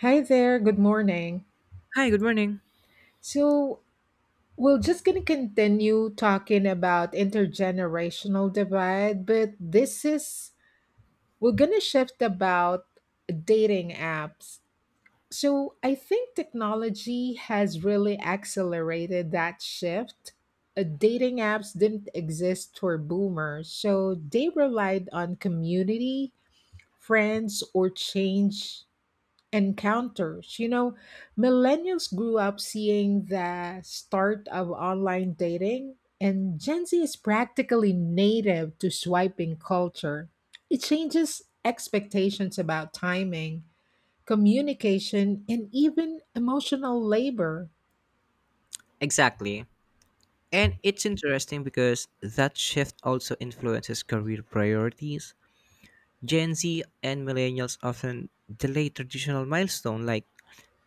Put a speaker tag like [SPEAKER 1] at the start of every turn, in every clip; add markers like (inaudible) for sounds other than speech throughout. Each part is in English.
[SPEAKER 1] Hi there, good morning.
[SPEAKER 2] Hi, good morning.
[SPEAKER 1] So, we're just going to continue talking about intergenerational divide, but this is we're going to shift about dating apps. So, I think technology has really accelerated that shift. Dating apps didn't exist for boomers, so they relied on community, friends, or change encounters. Millennials grew up seeing the start of online dating, and Gen Z is practically native to swiping culture. It changes expectations about timing, communication, and even emotional labor.
[SPEAKER 2] Exactly. And it's interesting because that shift also influences career priorities. Gen Z and millennials often delay traditional milestones like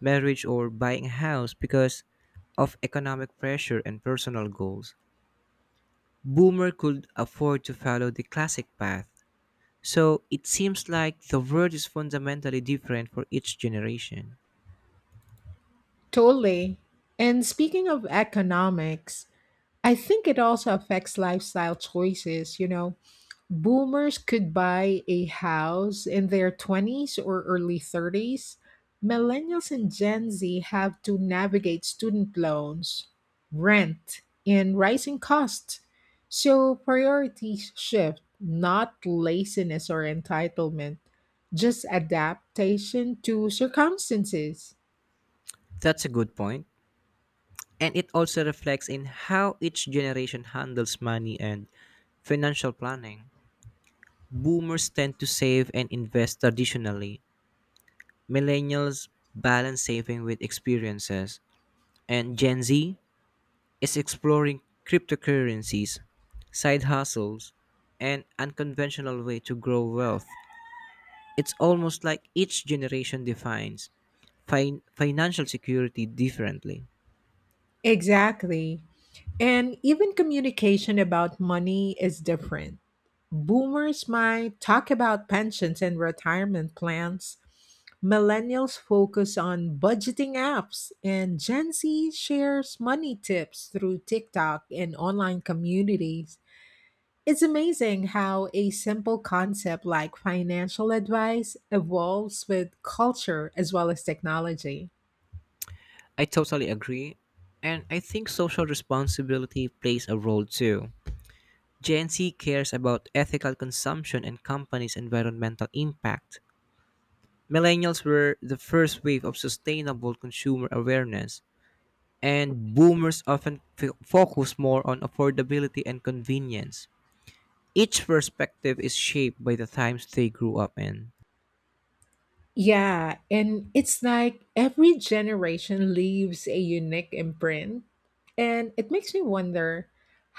[SPEAKER 2] marriage or buying a house because of economic pressure and personal goals. Boomer could afford to follow the classic path. So it seems like the world is fundamentally different for each generation.
[SPEAKER 1] Totally. And speaking of economics, I think it also affects lifestyle choices. Boomers could buy a house in their 20s or early 30s. Millennials and Gen Z have to navigate student loans, rent, and rising costs. So priorities shift, not laziness or entitlement, just adaptation to circumstances.
[SPEAKER 2] That's a good point. And it also reflects in how each generation handles money and financial planning. Boomers tend to save and invest traditionally. Millennials balance saving with experiences. And Gen Z is exploring cryptocurrencies, side hustles, and unconventional way to grow wealth. It's almost like each generation defines financial security differently.
[SPEAKER 1] Exactly. And even communication about money is different. Boomers might talk about pensions and retirement plans. Millennials focus on budgeting apps, and Gen Z shares money tips through TikTok and online communities. It's amazing how a simple concept like financial advice evolves with culture as well as technology.
[SPEAKER 2] I totally agree. And I think social responsibility plays a role too. Gen Z cares about ethical consumption and companies' environmental impact. Millennials were the first wave of sustainable consumer awareness, and boomers often focus more on affordability and convenience. Each perspective is shaped by the times they grew up in.
[SPEAKER 1] Yeah, and it's like every generation leaves a unique imprint. And it makes me wonder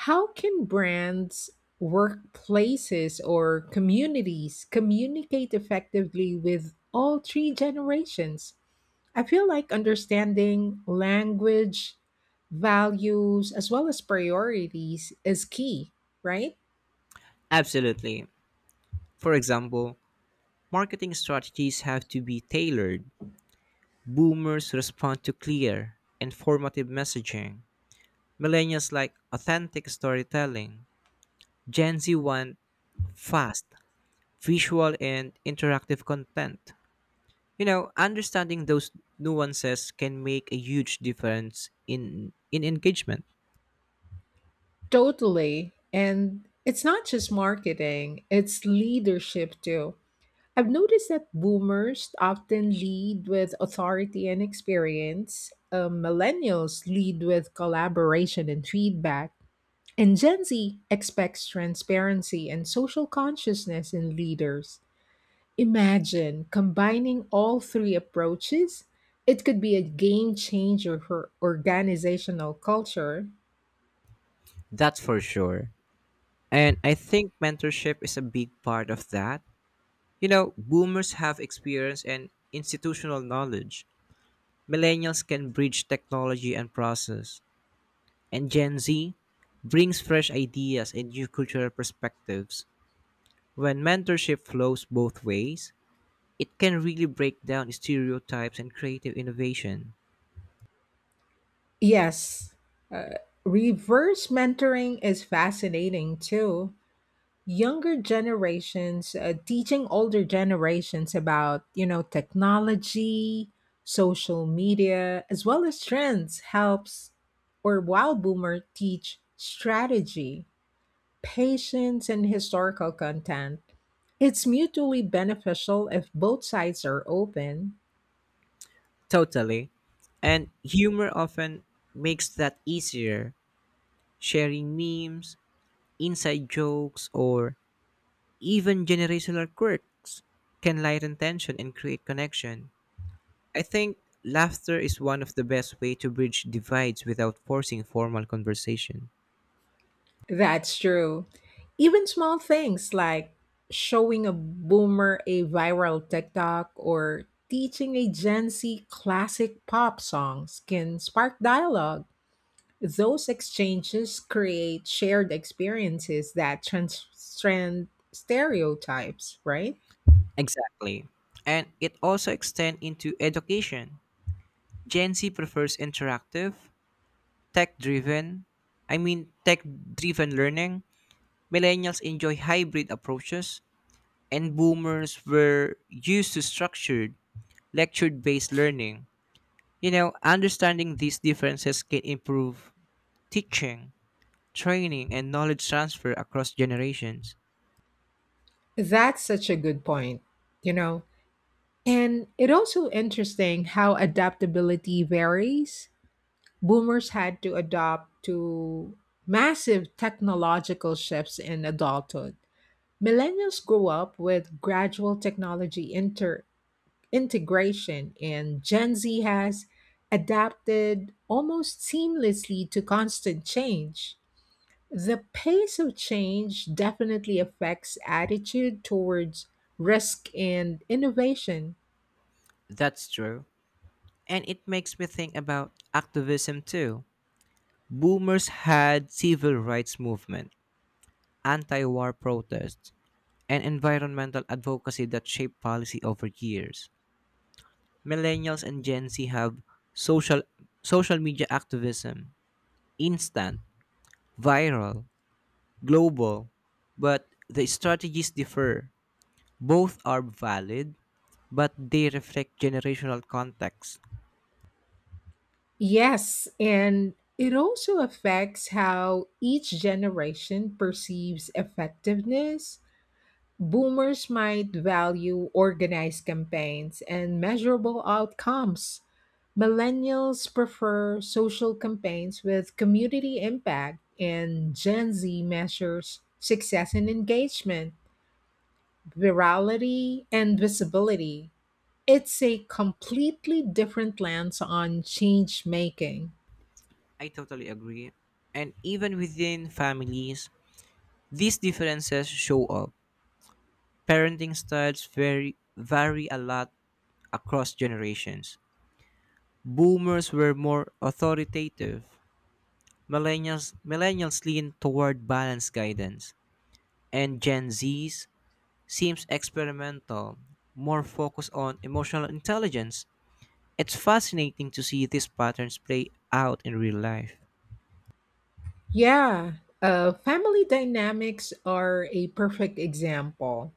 [SPEAKER 1] how can brands, workplaces, or communities communicate effectively with all three generations? I feel like understanding language, values, as well as priorities is key, right?
[SPEAKER 2] Absolutely. For example, marketing strategies have to be tailored. Boomers respond to clear, informative messaging. Millennials like authentic storytelling. Gen Z want fast, visual, and interactive content. You know, understanding those nuances can make a huge difference in engagement.
[SPEAKER 1] Totally. And it's not just marketing, it's leadership too. I've noticed that boomers often lead with authority and experience, millennials lead with collaboration and feedback, and Gen Z expects transparency and social consciousness in leaders. Imagine combining all three approaches. It could be a game changer for organizational culture.
[SPEAKER 2] That's for sure. And I think mentorship is a big part of that. You know, boomers have experience and institutional knowledge. Millennials can bridge technology and process. And Gen Z brings fresh ideas and new cultural perspectives. When mentorship flows both ways, it can really break down stereotypes and creative innovation.
[SPEAKER 1] Yes, reverse mentoring is fascinating too. Younger generations, teaching older generations about technology, social media, as well as trends, helps. Or while boomer teach strategy, patience, and historical content, it's mutually beneficial if both sides are open.
[SPEAKER 2] Totally. And humor often makes that easier. Sharing memes, inside jokes, or even generational quirks can lighten tension and create connection. I think laughter is one of the best way to bridge divides without forcing formal conversation.
[SPEAKER 1] That's true. Even small things like showing a boomer a viral TikTok or teaching a Gen Z classic pop songs can spark dialogue. Those exchanges create shared experiences that transcend stereotypes, right?
[SPEAKER 2] Exactly. And it also extends into education. Gen Z prefers interactive, tech driven tech driven learning. Millennials enjoy hybrid approaches, and boomers were used to structured lecture based learning. You know, understanding these differences can improve teaching, training, and knowledge transfer across generations.
[SPEAKER 1] That's such a good point, you know. And it also interesting how adaptability varies. Boomers had to adapt to massive technological shifts in adulthood. Millennials grew up with gradual technology integration, and Gen Z has adapted almost seamlessly to constant change. The pace of change definitely affects attitude towards risk and innovation.
[SPEAKER 2] That's true. And it makes me think about activism too. Boomers had civil rights movement, anti-war protests, and environmental advocacy that shaped policy over years. Millennials and Gen Z have social social media activism, instant, viral, global, but the strategies differ. Both are valid, but they reflect generational context.
[SPEAKER 1] Yes, and it also affects how each generation perceives effectiveness. Boomers might value organized campaigns and measurable outcomes. Millennials prefer social campaigns with community impact, and Gen Z measures success in engagement, virality, and visibility. It's a completely different lens on change making.
[SPEAKER 2] I totally agree. And even within families, these differences show up. Parenting styles vary a lot across generations. Boomers were more authoritative, millennials lean toward balanced guidance, and Gen Z's seems experimental, more focused on emotional intelligence. It's fascinating to see these patterns play out in real life.
[SPEAKER 1] Yeah, family dynamics are a perfect example.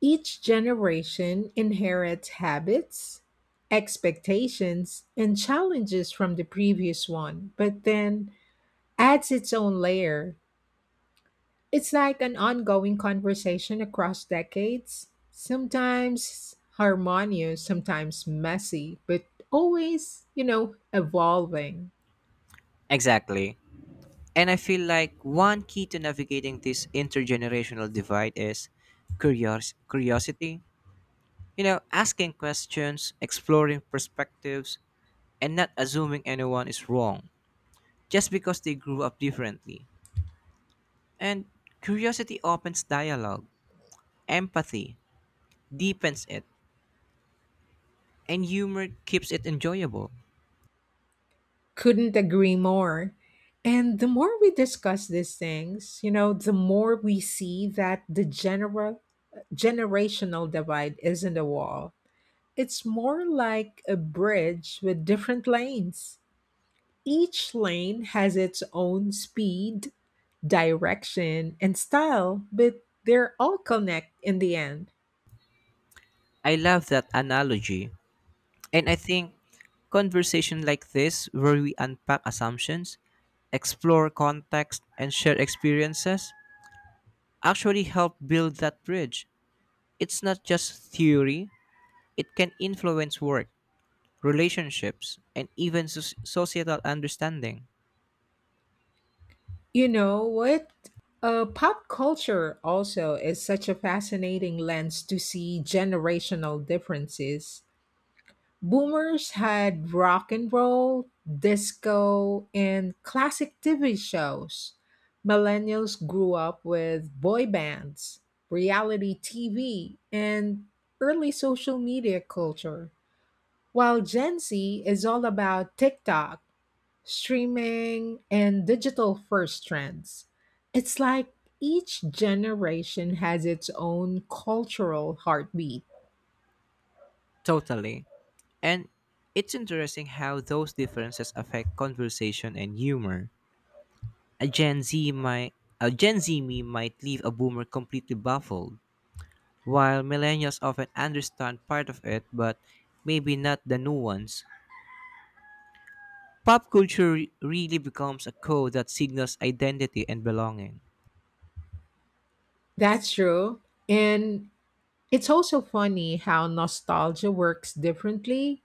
[SPEAKER 1] Each generation inherits habits, expectations, and challenges from the previous one, but then adds its own layer. It's like an ongoing conversation across decades, sometimes harmonious, sometimes messy, but always, evolving.
[SPEAKER 2] Exactly. And I feel like one key to navigating this intergenerational divide is curiosity. You know, asking questions, exploring perspectives, and not assuming anyone is wrong just because they grew up differently. And curiosity opens dialogue, empathy deepens it, and humor keeps it enjoyable.
[SPEAKER 1] Couldn't agree more. And the more we discuss these things, the more we see that the general generational divide isn't a wall. It's more like a bridge with different lanes. Each lane has its own speed, direction, and style, but they're all connect in the end.
[SPEAKER 2] I love that analogy. And I think conversation like this, where we unpack assumptions, explore context, and share experiences, actually help build that bridge. It's not just theory, it can influence work, relationships, and even societal understanding.
[SPEAKER 1] You know what? Pop culture also is such a fascinating lens to see generational differences. Boomers had rock and roll, disco, and classic TV shows. Millennials grew up with boy bands, reality TV, and early social media culture. While Gen Z is all about TikTok, streaming, and digital first trends. It's like each generation has its own cultural heartbeat.
[SPEAKER 2] Totally. And it's interesting how those differences affect conversation and humor. A Gen Z might a Gen Z meme might leave a boomer completely baffled, while millennials often understand part of it but maybe not the nuance. Pop culture really becomes a code that signals identity and belonging.
[SPEAKER 1] That's true. And it's also funny how nostalgia works differently.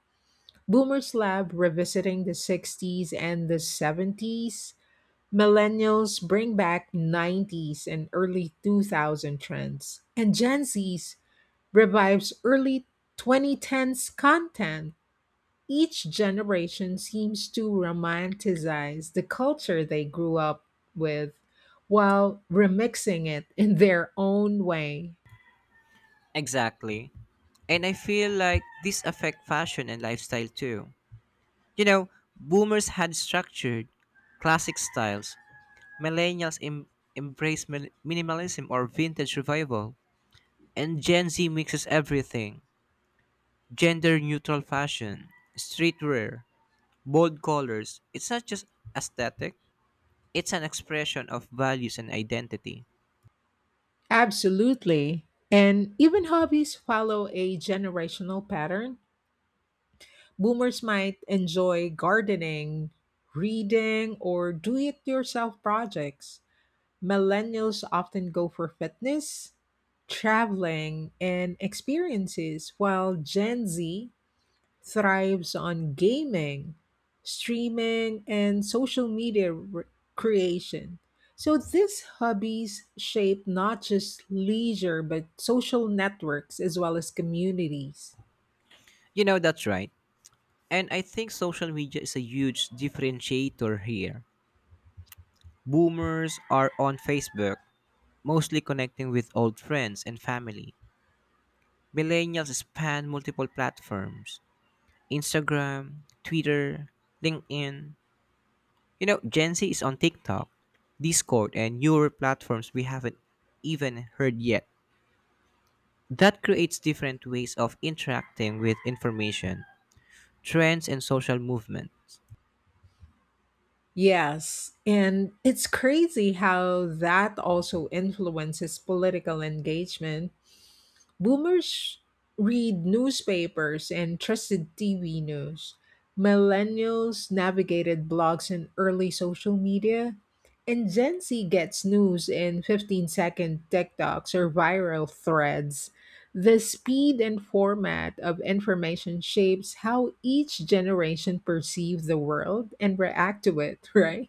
[SPEAKER 1] Boomers love revisiting the 60s and the 70s. Millennials bring back 90s and early 2000 trends. And Gen Zs revives early 2010s content. Each generation seems to romanticize the culture they grew up with while remixing it in their own way.
[SPEAKER 2] Exactly. And I feel like this affect fashion and lifestyle too. You know, boomers had structured classic styles. Millennials embrace minimalism or vintage revival, and Gen Z mixes everything: gender neutral fashion, streetwear, bold colors. It's not just aesthetic, it's an expression of values and identity.
[SPEAKER 1] Absolutely. And even hobbies follow a generational pattern. Boomers might enjoy gardening, reading, or do it yourself projects. Millennials often go for fitness, traveling, and experiences, while Gen Z thrives on gaming, streaming, and social media creation. So these hobbies shape not just leisure, but social networks as well as communities.
[SPEAKER 2] You know, that's right. And I think social media is a huge differentiator here. Boomers are on Facebook, mostly connecting with old friends and family. Millennials span multiple platforms: Instagram, Twitter, LinkedIn. You know, Gen Z is on TikTok, Discord, and newer platforms we haven't even heard yet. That creates different ways of interacting with information, trends, and social movements.
[SPEAKER 1] Yes, and it's crazy how that also influences political engagement. Boomers read newspapers and trusted TV news. Millennials navigated blogs and early social media. And Gen Z gets news in 15-second TikToks or viral threads. The speed and format of information shapes how each generation perceives the world and react to it, (laughs) right?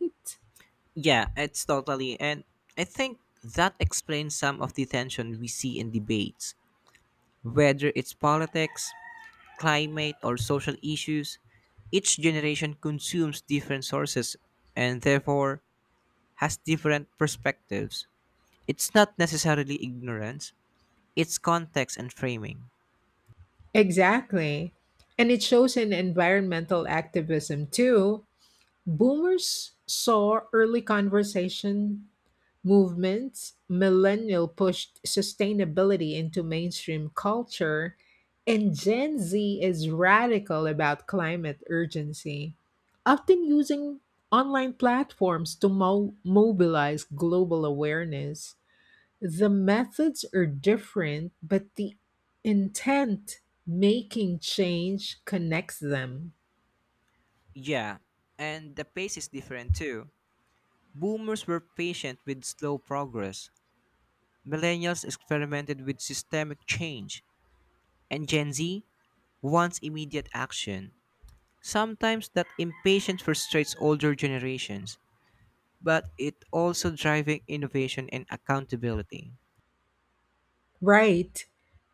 [SPEAKER 2] Yeah, it's totally. And I think that explains some of the tension we see in debates. Whether it's politics, climate, or social issues, each generation consumes different sources and therefore has different perspectives. It's not necessarily ignorance, it's context and framing.
[SPEAKER 1] Exactly. And it shows in environmental activism too. Boomers saw early conversation movements, millennial pushed sustainability into mainstream culture, and Gen Z is radical about climate urgency, often using online platforms to mobilize global awareness. The methods are different, but the intent making change connects them.
[SPEAKER 2] Yeah, and the pace is different too. Boomers were patient with slow progress, millennials experimented with systemic change, and Gen Z wants immediate action. Sometimes that impatience frustrates older generations, but it also driving innovation and accountability.
[SPEAKER 1] Right.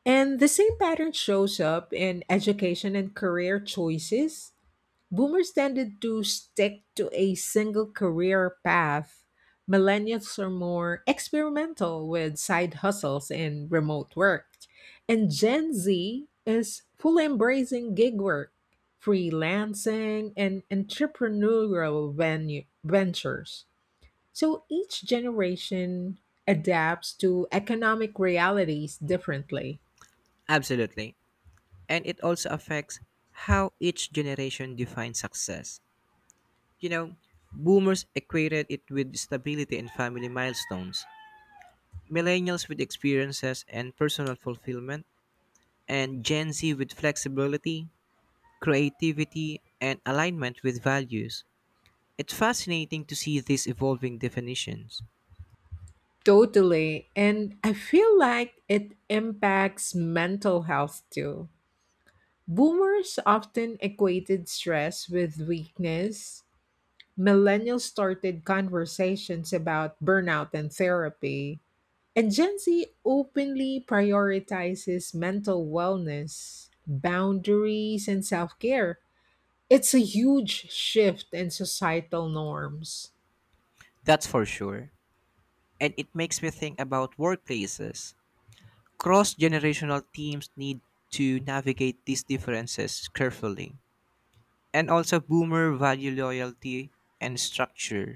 [SPEAKER 1] And the same pattern shows up in education and career choices. Boomers tended to stick to a single career path. Millennials are more experimental with side hustles and remote work. And Gen Z is fully embracing gig work, freelancing, and entrepreneurial ventures. So each generation adapts to economic realities differently.
[SPEAKER 2] Absolutely. And it also affects how each generation defines success. You know, boomers equated it with stability and family milestones, millennials with experiences and personal fulfillment, and Gen Z with flexibility, creativity, and alignment with values. It's fascinating to see these evolving definitions.
[SPEAKER 1] Totally. And I feel like it impacts mental health too. Boomers often equated stress with weakness. Millennials started conversations about burnout and therapy. And Gen Z openly prioritizes mental wellness, boundaries, and self care. It's a huge shift in societal norms.
[SPEAKER 2] That's for sure. And it makes me think about workplaces. Cross generational teams need to navigate these differences carefully, and also boomer value loyalty and structure.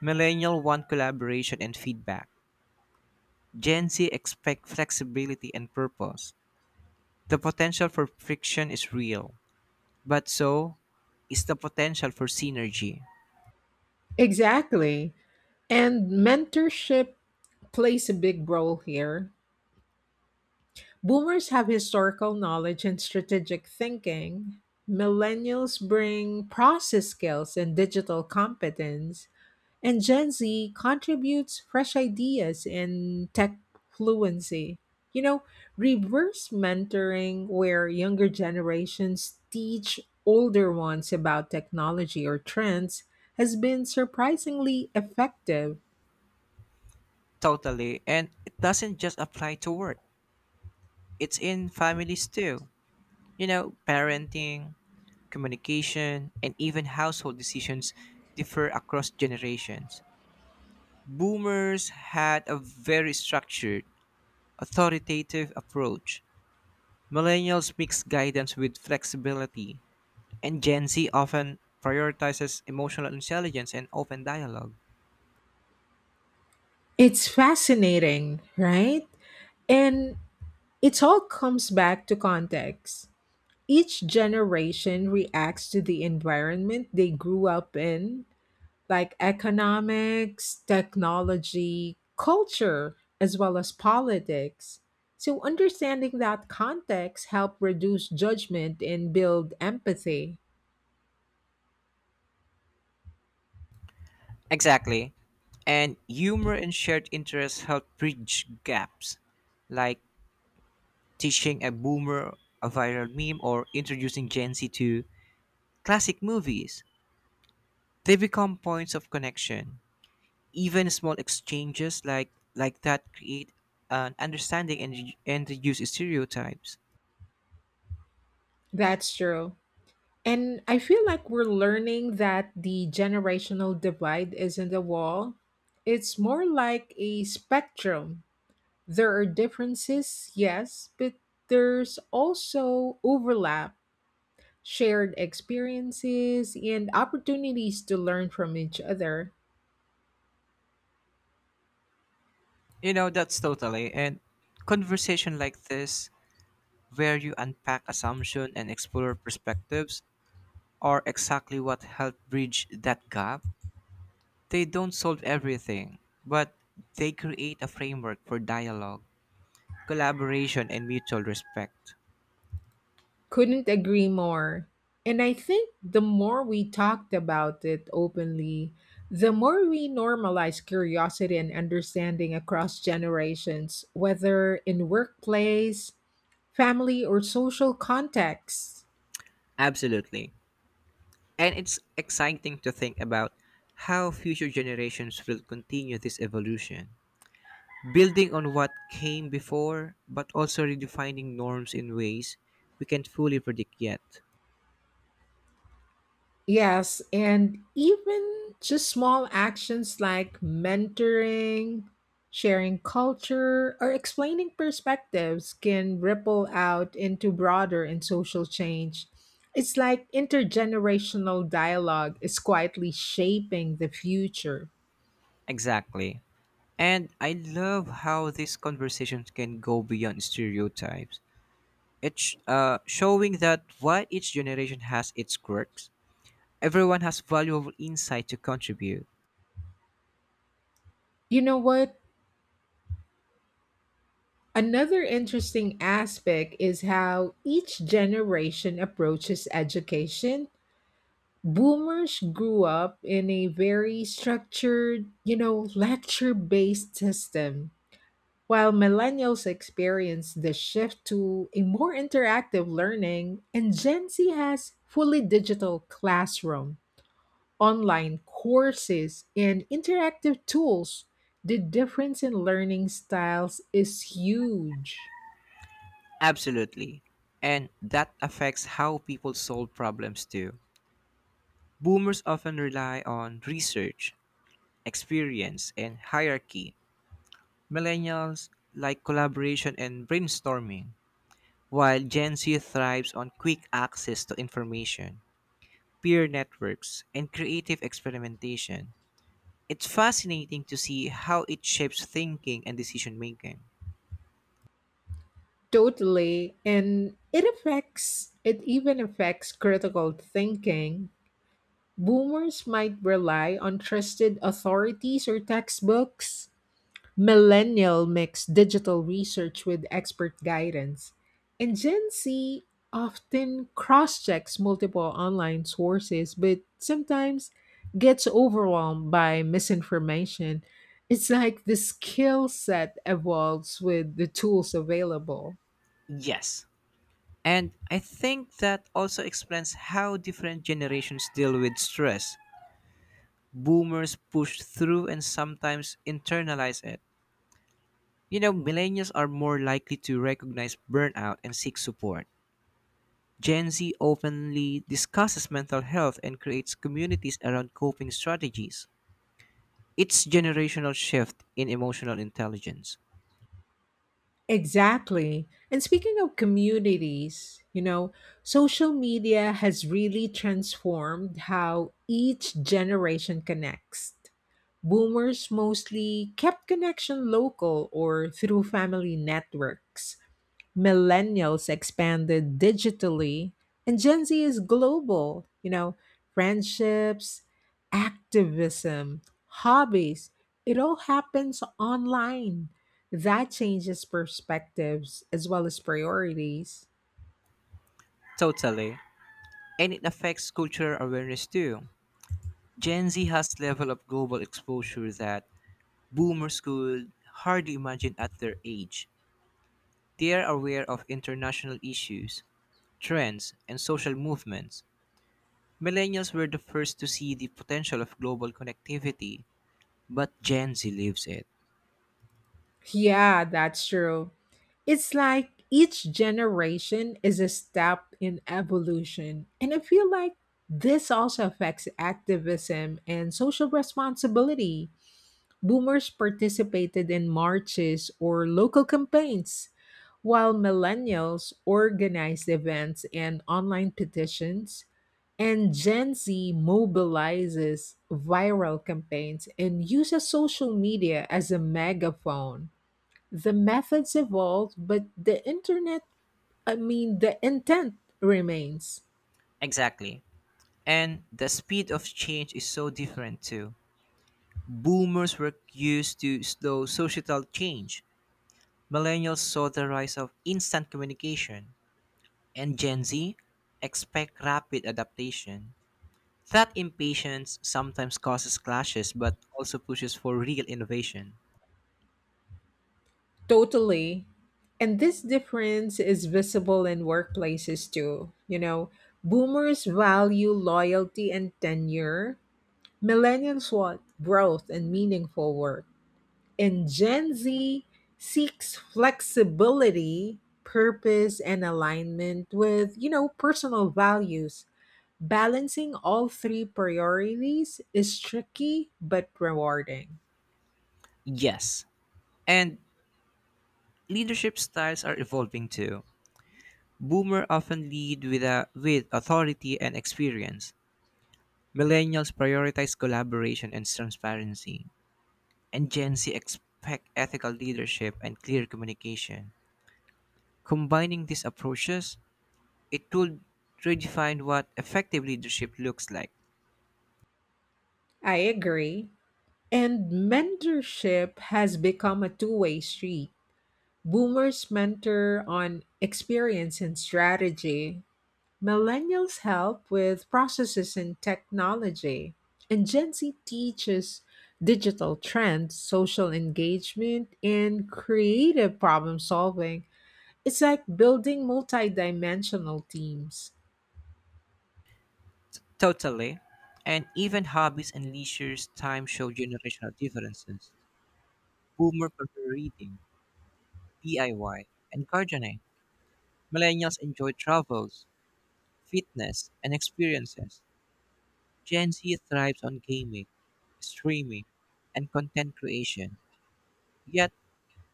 [SPEAKER 2] Millennial want collaboration and feedback. Gen Z expect flexibility and purpose. The potential for friction is real, but so is the potential for synergy.
[SPEAKER 1] Exactly. And mentorship plays a big role here. Boomers have historical knowledge and strategic thinking. Millennials bring process skills and digital competence. And Gen Z contributes fresh ideas and tech fluency. You know, Reverse mentoring, where younger generations teach older ones about technology or trends, has been surprisingly effective.
[SPEAKER 2] Totally, and it doesn't just apply to work. It's in families too. You know, parenting, communication, and even household decisions differ across generations. Boomers had a very structured, authoritative approach. Millennials mix guidance with flexibility, and Gen Z often prioritizes emotional intelligence and open dialogue.
[SPEAKER 1] It's fascinating, right? And it all comes back to context. Each generation reacts to the environment they grew up in, like economics, technology, culture, as well as politics. So understanding that context help reduce judgment and build empathy.
[SPEAKER 2] Exactly. And humor and shared interests help bridge gaps, like teaching a boomer a viral meme or introducing Gen Z to classic movies. They become points of connection. Even small exchanges like that create an understanding and reduce stereotypes.
[SPEAKER 1] That's true. And I feel like we're learning that the generational divide isn't a wall. It's more like a spectrum. There are differences, yes, but there's also overlap, shared experiences, and opportunities to learn from each other.
[SPEAKER 2] You know, that's totally. And conversation like this, where you unpack assumption and explore perspectives, are exactly what help bridge that gap. They don't solve everything, but they create a framework for dialogue, collaboration, and mutual respect.
[SPEAKER 1] Couldn't agree more. And I think the more we talked about it openly, the more we normalize curiosity and understanding across generations, whether in workplace, family, or social contexts.
[SPEAKER 2] Absolutely. And it's exciting to think about how future generations will continue this evolution, building on what came before, but also redefining norms in ways we can't fully predict yet.
[SPEAKER 1] Yes, and even just small actions like mentoring, sharing culture, or explaining perspectives can ripple out into broader and social change. It's like intergenerational dialogue is quietly shaping the future.
[SPEAKER 2] Exactly. And I love how these conversations can go beyond stereotypes. It's showing that while each generation has its quirks, everyone has valuable insight to contribute.
[SPEAKER 1] You know what? Another interesting aspect is how each generation approaches education. Boomers grew up in a very structured, lecture based system, while millennials experienced the shift to a more interactive learning, and Gen Z has fully digital classroom, online courses, and interactive tools. The difference in learning styles is huge.
[SPEAKER 2] Absolutely. And that affects how people solve problems too. Boomers often rely on research, experience, and hierarchy. Millennials like collaboration and brainstorming, while Gen Z thrives on quick access to information, peer networks, and creative experimentation. It's fascinating to see how it shapes thinking and decision making.
[SPEAKER 1] Totally. And it even affects critical thinking. Boomers might rely on trusted authorities or textbooks. Millennial mix digital research with expert guidance. And Gen Z often cross checks multiple online sources, but sometimes gets overwhelmed by misinformation. It's like the skill set evolves with the tools available.
[SPEAKER 2] Yes. And I think that also explains how different generations deal with stress. Boomers push through and sometimes internalize it. You know, millennials are more likely to recognize burnout and seek support, Gen Z openly discusses mental health and creates communities around coping strategies. It's generational shift in emotional intelligence.
[SPEAKER 1] Exactly. And speaking of communities, social media has really transformed how each generation connects. Boomers mostly kept connection local or through family networks, millennials expanded digitally, and Gen Z is global. Friendships, activism, hobbies, it all happens online. That changes perspectives as well as priorities.
[SPEAKER 2] Totally. And it affects cultural awareness too. Gen Z has level of global exposure that boomers could hardly imagine at their age. They are aware of international issues, trends, and social movements. Millennials were the first to see the potential of global connectivity, but Gen Z lives it.
[SPEAKER 1] Yeah, that's true. It's like each generation is a step in evolution. And I feel like this also affects activism and social responsibility. Boomers participated in marches or local campaigns, while millennials organized events and online petitions, and Gen Z mobilizes viral campaigns and uses social media as a megaphone. The methods evolved, but I mean, the intent remains.
[SPEAKER 2] Exactly. And the speed of change is so different too. Boomers were used to slow societal change. Millennials saw the rise of instant communication. And Gen Z expect rapid adaptation. That impatience sometimes causes clashes but also pushes for real innovation.
[SPEAKER 1] Totally. And this difference is visible in workplaces too. Boomers value loyalty and tenure, millennials want growth and meaningful work, and Gen Z seeks flexibility, purpose, and alignment with, personal values. Balancing all three priorities is tricky but rewarding.
[SPEAKER 2] Yes. And leadership styles are evolving too. Boomer often lead with authority and experience. Millennials prioritize collaboration and transparency, and Gen Z expect ethical leadership and clear communication. Combining these approaches, it will redefine what effective leadership looks like.
[SPEAKER 1] I agree. And mentorship has become a two-way street. Boomers mentor on experience and strategy, millennials help with processes and technology, and Gen Z teaches digital trends, social engagement, and creative problem solving. It's like building multidimensional teams.
[SPEAKER 2] Totally. And even hobbies and leisure time show generational differences. Boomer prefer reading, DIY, and gardening. Millennials enjoy travels, fitness, and experiences. Gen Z thrives on gaming, streaming, and content creation. Yet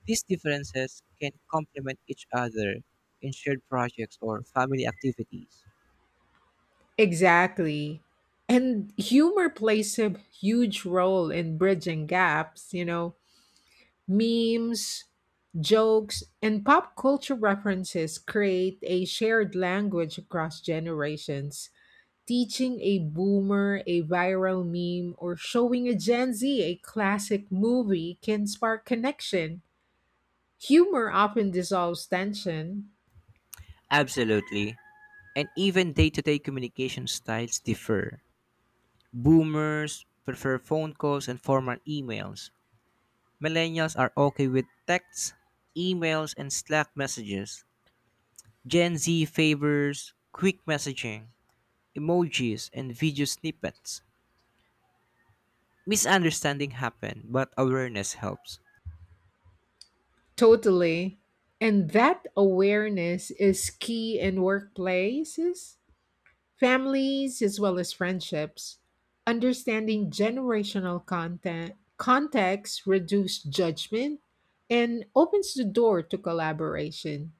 [SPEAKER 2] these differences can complement each other in shared projects or family activities.
[SPEAKER 1] Exactly. And humor plays a huge role in bridging gaps. Memes, jokes, and pop culture references create a shared language across generations. Teaching a boomer a viral meme or showing a Gen Z a classic movie can spark connection. Humor often dissolves tension.
[SPEAKER 2] Absolutely. And even day to day communication styles differ. Boomers prefer phone calls and formal emails. Millennials are okay with texts, emails, and Slack messages. Gen Z favors quick messaging, emojis, and video snippets. Misunderstanding happen, but awareness helps.
[SPEAKER 1] Totally. And that awareness is key in workplaces, families as well as friendships. Understanding generational content context reduce judgment and opens the door to collaboration.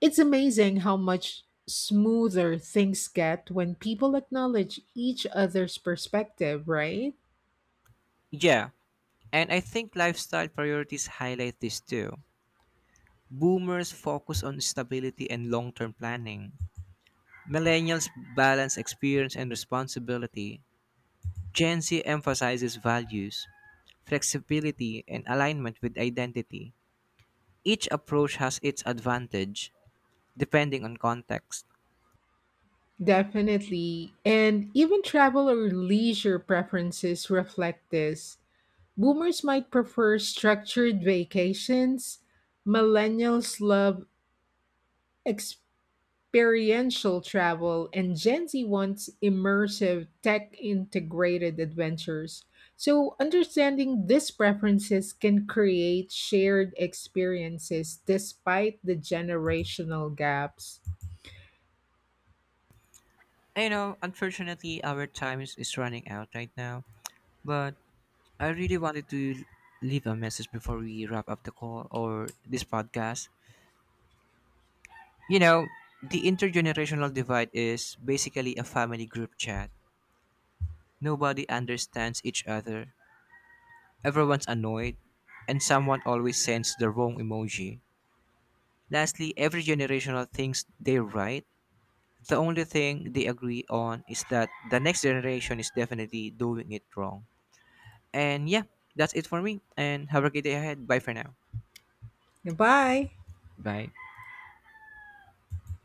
[SPEAKER 1] It's amazing how much smoother things get when people acknowledge each other's perspective, right?
[SPEAKER 2] Yeah, and I think lifestyle priorities highlight this too. Boomers focus on stability and long term planning. Millennials balance experience and responsibility. Gen Z emphasizes values, flexibility, and alignment with identity. Each approach has its advantage, depending on context.
[SPEAKER 1] Definitely. And even travel or leisure preferences reflect this. Boomers might prefer structured vacations, millennials love experiential travel, and Gen Z wants immersive, tech integrated adventures. So, understanding these preferences can create shared experiences despite the generational gaps.
[SPEAKER 2] You know, unfortunately, our time is running out right now, but I really wanted to leave a message before we wrap up the call or this podcast. You know, the intergenerational divide is basically a family group chat. Nobody understands each other, everyone's annoyed, and someone always sends the wrong emoji. Lastly, every generational thinks they're right. The only thing they agree on is that the next generation is definitely doing it wrong. And yeah, that's it for me. And have a great day ahead. Bye for now.
[SPEAKER 1] Goodbye.
[SPEAKER 2] Bye.